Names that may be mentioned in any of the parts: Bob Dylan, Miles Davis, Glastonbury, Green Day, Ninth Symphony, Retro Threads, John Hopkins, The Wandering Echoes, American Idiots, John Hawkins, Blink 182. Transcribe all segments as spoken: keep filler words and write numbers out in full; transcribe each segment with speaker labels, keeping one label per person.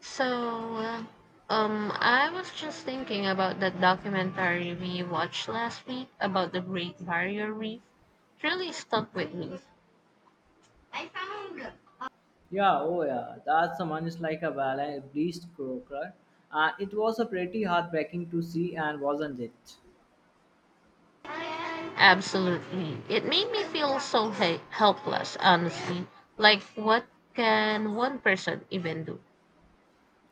Speaker 1: So, um, I was just thinking about that documentary we watched last week about the Great Barrier Reef. It really stuck with me.
Speaker 2: Yeah, oh yeah, that's that someone is like a ballet, breast croaker. Uh, it was a pretty heartbreaking to see, and wasn't it?
Speaker 1: Absolutely. It made me feel so he- helpless, honestly. Like, what can one person even do?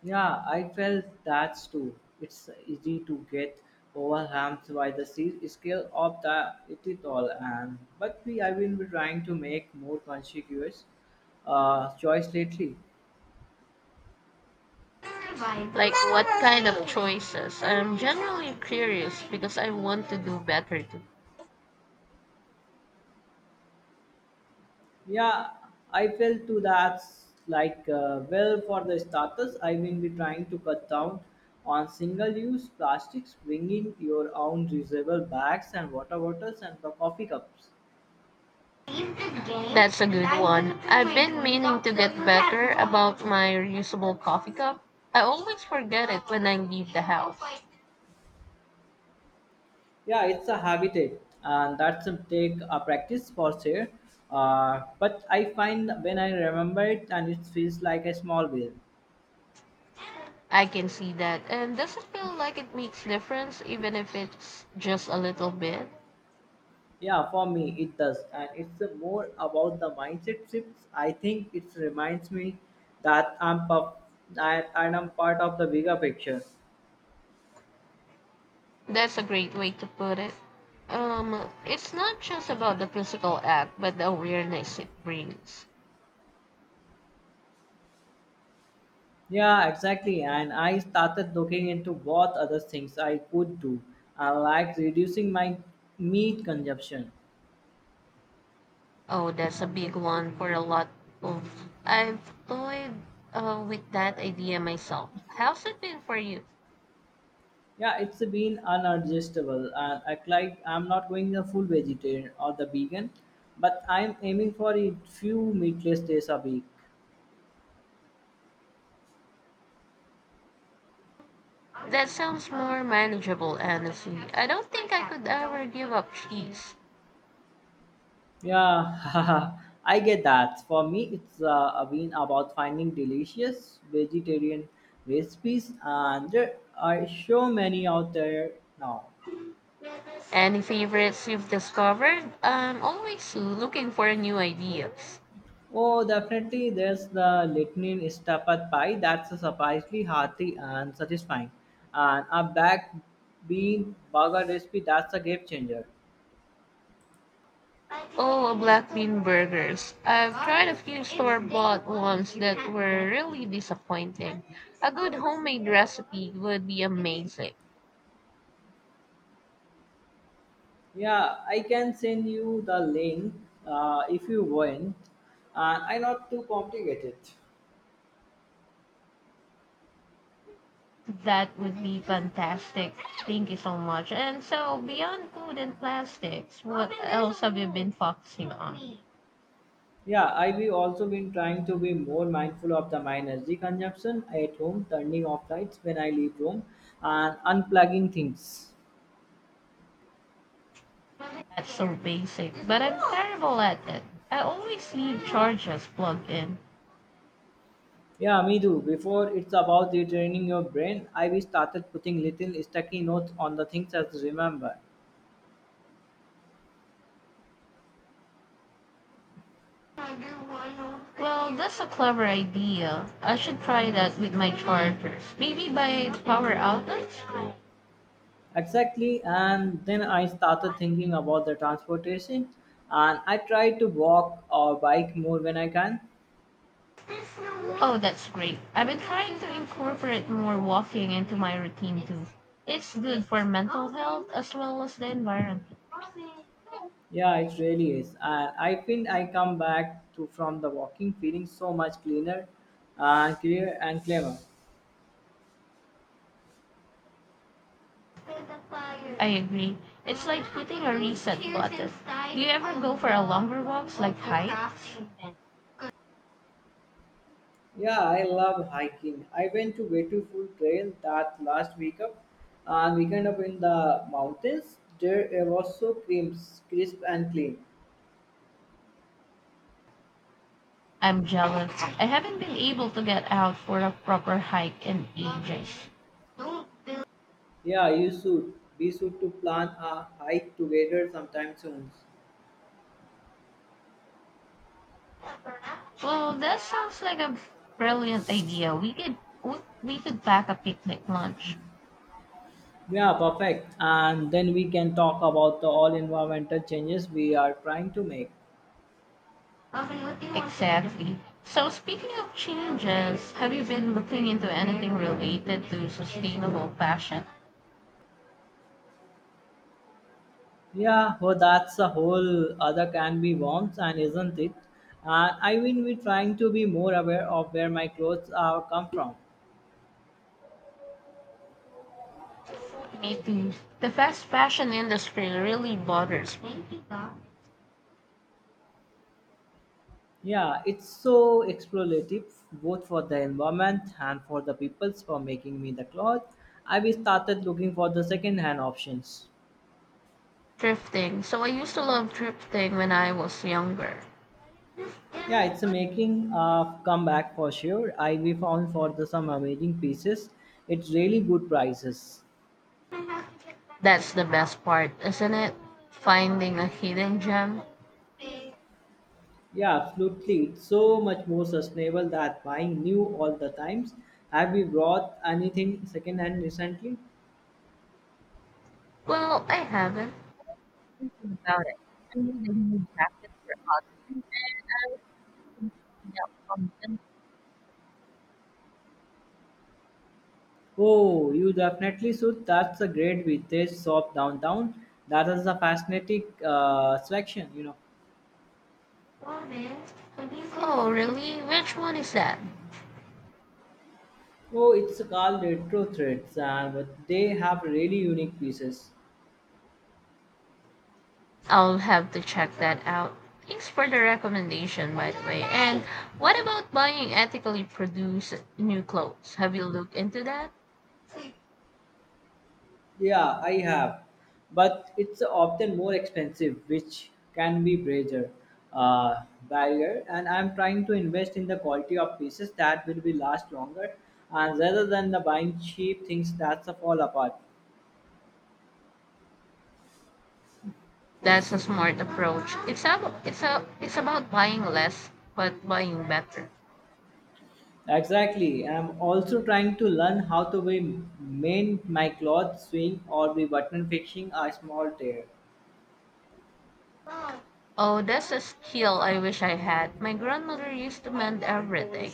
Speaker 2: Yeah, I felt that too. It's easy to get overwhelmed by the se- scale of the it, it all, and but we I will be trying to make more conscious uh, choice lately.
Speaker 1: Like, what kind of choices? I'm generally curious because I want to do better too.
Speaker 2: Yeah, I felt too that's like, uh, well, for the starters, I will be trying to cut down on single use plastics, bringing your own reusable bags and water bottles and the coffee cups.
Speaker 1: That's a good one. I've been meaning to get better about my reusable coffee cup. I always forget it when I leave the house.
Speaker 2: Yeah, it's a habit, and that's a take a practice for sure. Uh, but I find when I remember it, and it feels like a small win.
Speaker 1: I can see that. And does it feel like it makes difference even if it's just a little bit?
Speaker 2: Yeah, for me it does, and it's a more about the mindset shifts. I think it reminds me that I'm puff, I, and I'm part of the bigger picture.
Speaker 1: That's a great way to put it. Um, it's not just about the physical act, but the awareness it brings.
Speaker 2: Yeah, exactly. And I started looking into what other things I could do, uh, like reducing my meat consumption.
Speaker 1: Oh, that's a big one for a lot of. I've toyed uh, with that idea myself. How's it been for you?
Speaker 2: Yeah, it's been unadjustable, and I like I'm not going the full vegetarian or the vegan, but I'm aiming for a few meatless days a week.
Speaker 1: That sounds more manageable, honestly. I don't think I could ever give up cheese.
Speaker 2: Yeah, I get that. For me, it's uh, been about finding delicious vegetarian recipes, and there are so many out there now.
Speaker 1: Any favorites you've discovered? I'm always looking for new ideas.
Speaker 2: Oh, definitely, there's the Litinin Istapad pie that's surprisingly hearty and satisfying, and a black bean burger recipe that's a game changer.
Speaker 1: Oh, black bean burgers. I've tried a few store bought ones that were really disappointing. A good homemade recipe would be amazing.
Speaker 2: Yeah, I can send you the link uh, if you want, and I not too complicated.
Speaker 1: That would be fantastic. Thank you so much. And so, beyond food and plastics, what else have you been focusing on?
Speaker 2: Yeah, I've also been trying to be more mindful of the my energy consumption at home, turning off lights when I leave home, and unplugging things.
Speaker 1: That's so basic, but I'm terrible at it. I always leave charges plugged in.
Speaker 2: Yeah, me too. Before it's about retraining your brain, I've started putting little sticky notes on the things as remember.
Speaker 1: Well, that's a clever idea. I should try that with my chargers. Maybe by power outlets?
Speaker 2: Exactly, and then I started thinking about the transportation, and I try to walk or bike more when I can.
Speaker 1: Oh, that's great. I've been trying to incorporate more walking into my routine too. It's good for mental health as well as the environment.
Speaker 2: Yeah, it really is. And I feel I come back to from the walking feeling so much cleaner and clear and clever.
Speaker 1: I agree. It's like hitting a reset button. Do you ever go for a longer walks like hikes?
Speaker 2: Yeah, I love hiking. I went to beautiful trail that last week up and weekend up in the mountains. There it was so crisp, crisp and clean.
Speaker 1: I'm jealous. I haven't been able to get out for a proper hike in ages. Well,
Speaker 2: Yeah, you should. We should to plan a hike together sometime soon.
Speaker 1: that sounds like a brilliant idea. We could we- we could pack a picnic lunch.
Speaker 2: Yeah, perfect. And then we can talk about the all environmental changes we are trying to make.
Speaker 1: Exactly. So speaking of changes, have you been looking into anything related to sustainable fashion?
Speaker 2: Yeah, well, that's a whole other can be worms, and isn't it? And I mean, we're trying to be more aware of where my clothes are come from.
Speaker 1: Me too. The fast fashion industry really bothers me.
Speaker 2: Yeah, it's so explorative, both for the environment and for the peoples for making me the clothes. I we started looking for the second-hand options.
Speaker 1: Thrifting. So I used to love thrifting when I was younger.
Speaker 2: Yeah, it's a making a comeback for sure. I we found for the some amazing pieces. It's really good prices.
Speaker 1: That's the best part, isn't it? Finding a hidden gem.
Speaker 2: Yeah, absolutely. It's so much more sustainable than buying new all the times. Have you bought anything secondhand recently?
Speaker 1: Well, I haven't. Thinking about it, I need a new jacket for autumn, and I was thinking out some
Speaker 2: Oh, you definitely should. That's a great vintage shop downtown. That is a fascinating uh, selection, you know.
Speaker 1: vintage. Oh, really? Which one is that?
Speaker 2: Oh, it's called Retro Threads, and but they have really unique pieces.
Speaker 1: I'll have to check that out. Thanks for the recommendation, by the way. And what about buying ethically produced new clothes? Have you looked into that?
Speaker 2: Yeah, I have, but it's often more expensive, which can be brazier, uh, barrier. And I'm trying to invest in the quality of pieces that will be last longer, and rather than the buying cheap things that fall apart.
Speaker 1: That's a smart approach. It's a, it's a, it's about buying less but buying better.
Speaker 2: Exactly. I'm also trying to learn how to be- mend my clothes, sewing, or be button fixing a small tear.
Speaker 1: Oh, that's a skill I wish I had. My grandmother used to mend everything.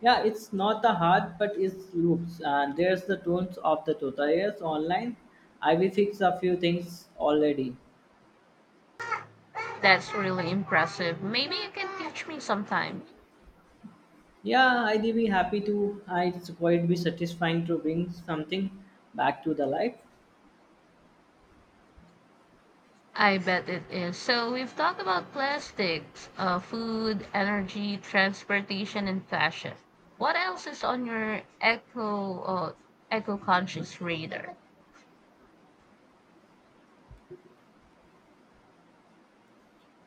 Speaker 2: Yeah, it's not the heart, but it's loops. And there's the tones of the tutorials online. I will fix a few things already.
Speaker 1: That's really impressive. Maybe you can teach me sometime.
Speaker 2: Yeah, I'd be happy to. I- It's quite be satisfying to bring something back to the life.
Speaker 1: I bet it is. So we've talked about plastics, uh, food, energy, transportation, and fashion. What else is on your eco uh, eco conscious radar?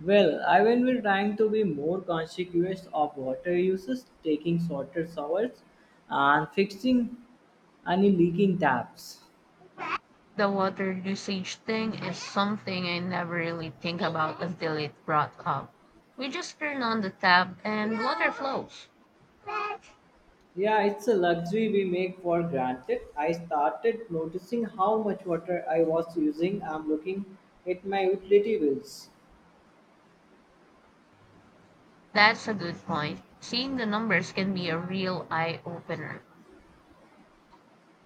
Speaker 2: Well, I will be trying to be more conscious of water uses, taking shorter showers, and fixing any leaking taps.
Speaker 1: The water usage thing is something I never really think about until it brought up. We just turn on the tap and water flows.
Speaker 2: Yeah, it's a luxury we make for granted. I started noticing how much water I was using. I'm looking at my utility bills.
Speaker 1: That's a good point. Seeing the numbers can be a real eye opener.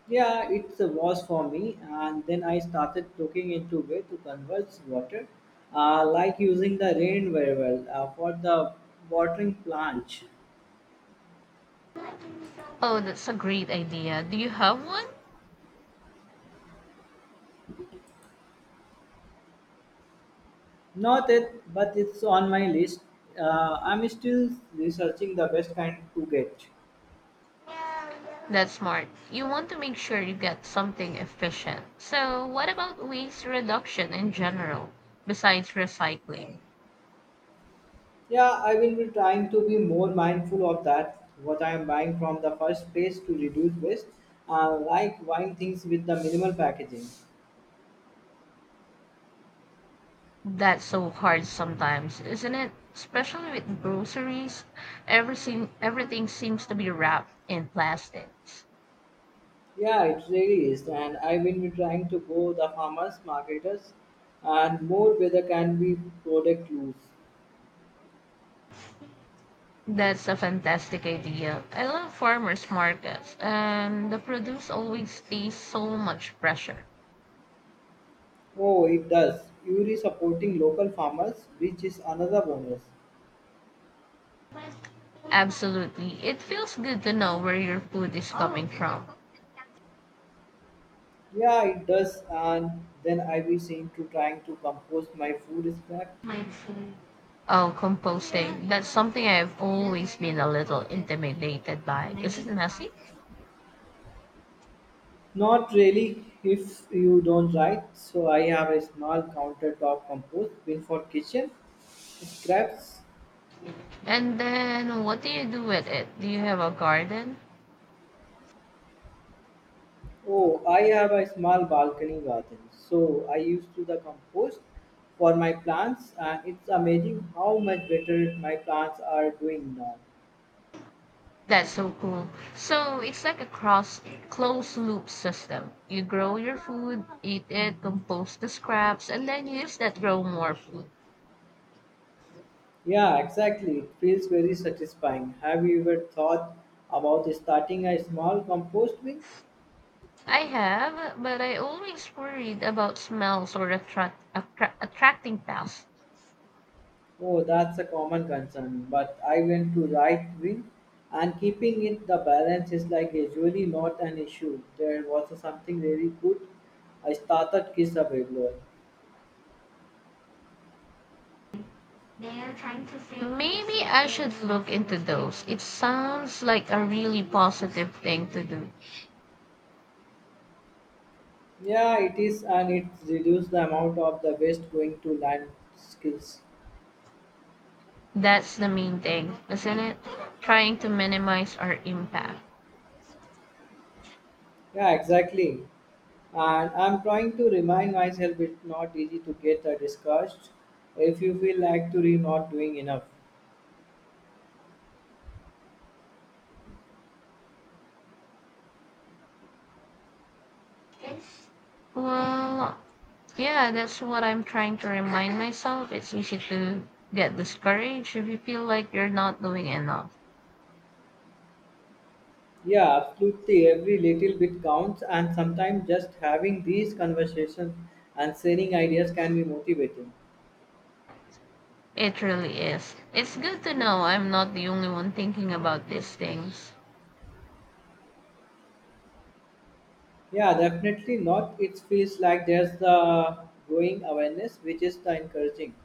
Speaker 2: Yeah, it was for me, and then I started looking into way to convert water, uh, like using the rain very well uh, for the watering plant.
Speaker 1: Oh, that's a great idea. Do you have one?
Speaker 2: Not it, but it's on my list. Uh, I'm still researching the best kind to get.
Speaker 1: That's smart. You want to make sure you get something efficient. So, what about waste reduction in general, besides recycling?
Speaker 2: Yeah, I will be trying to be more mindful of that, what I am buying from the first place to reduce waste, uh, like buying things with the minimal packaging.
Speaker 1: That's so hard sometimes, isn't it? Especially with groceries, everything everything seems to be wrapped in plastics.
Speaker 2: Yeah, it really is, and I will be trying to go the farmers, marketers, and more whether can be product use.
Speaker 1: That's a fantastic idea. I love farmers markets, and the produce always stays so much fresher.
Speaker 2: Oh, it does. You are supporting local farmers, which is another bonus.
Speaker 1: Absolutely. It feels good to know where your food is coming from.
Speaker 2: Yeah, it does, and then I will seem to trying to compose my food scrap.
Speaker 1: Oh, composting. That's something I've always been a little intimidated by. Is it messy?
Speaker 2: Not really, if you don't write. So I have a small countertop compost built for kitchen scraps.
Speaker 1: And then what do you do with it? Do you have a garden?
Speaker 2: Oh, I have a small balcony garden. So I used to the compost for my plants, and it's amazing how much better my plants are doing now.
Speaker 1: That's so cool. So it's like a cross closed loop system. You grow your food, eat it, compost the scraps, and then use that grow more food.
Speaker 2: Yeah, exactly. It feels very satisfying. Have you ever thought about starting a small compost bin?
Speaker 1: I have, but I always worried about smells or attract, attra- attracting pests.
Speaker 2: Oh, that's a common concern, but I went to right wing and keeping it the balance is like usually not an issue. There was something really good. I started Kiss a Babylon.
Speaker 1: Maybe I should look into those. It sounds like a really positive thing to do.
Speaker 2: Yeah, it is and it reduced the amount of the waste going to land skills.
Speaker 1: That's the main thing, isn't it? Trying to minimize our impact.
Speaker 2: Yeah, exactly. And I'm trying to remind myself it's not easy to get a discouraged if you feel like to re not doing enough.
Speaker 1: Well, yeah, that's what I'm trying to remind myself. It's easy to get discouraged if you feel like you're not doing enough.
Speaker 2: Yeah, absolutely. Every little bit counts, and sometimes just having these conversations and sharing ideas can be motivating.
Speaker 1: It really is. It's good to know I'm not the only one thinking about these things.
Speaker 2: Yeah, definitely not. It feels like there's the growing awareness, which is the encouraging.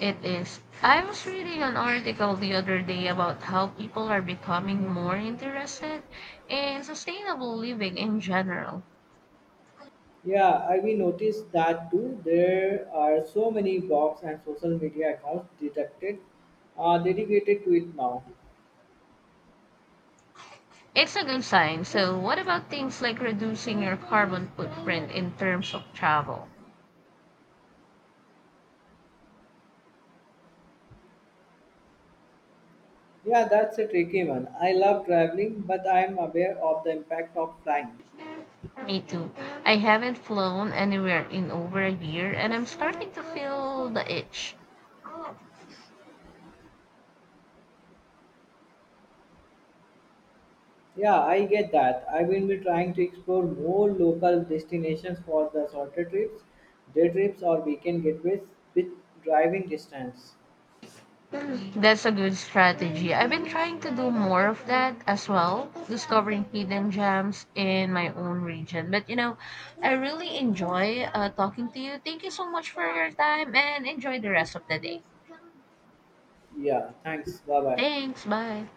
Speaker 1: It is. I was reading an article the other day about how people are becoming more interested in sustainable living in general.
Speaker 2: Yeah, I we noticed that too. There are so many blogs and social media accounts detected, uh, dedicated to it now.
Speaker 1: It's a good sign. So, what about things like reducing your carbon footprint in terms of travel?
Speaker 2: Yeah, that's a tricky one. I love traveling, but I'm aware of the impact of flying.
Speaker 1: Me too. I haven't flown anywhere in over a year and I'm starting to feel the itch.
Speaker 2: Yeah, I get that. I will be trying to explore more local destinations for the shorter trips, day trips, or weekend getaways with driving distance.
Speaker 1: That's a good strategy. I've been trying to do more of that as well, discovering hidden gems in my own region. But you know, I really enjoy uh, talking to you. Thank you so much for your time and enjoy the rest of the day.
Speaker 2: Yeah, thanks. Bye bye.
Speaker 1: Thanks. Bye.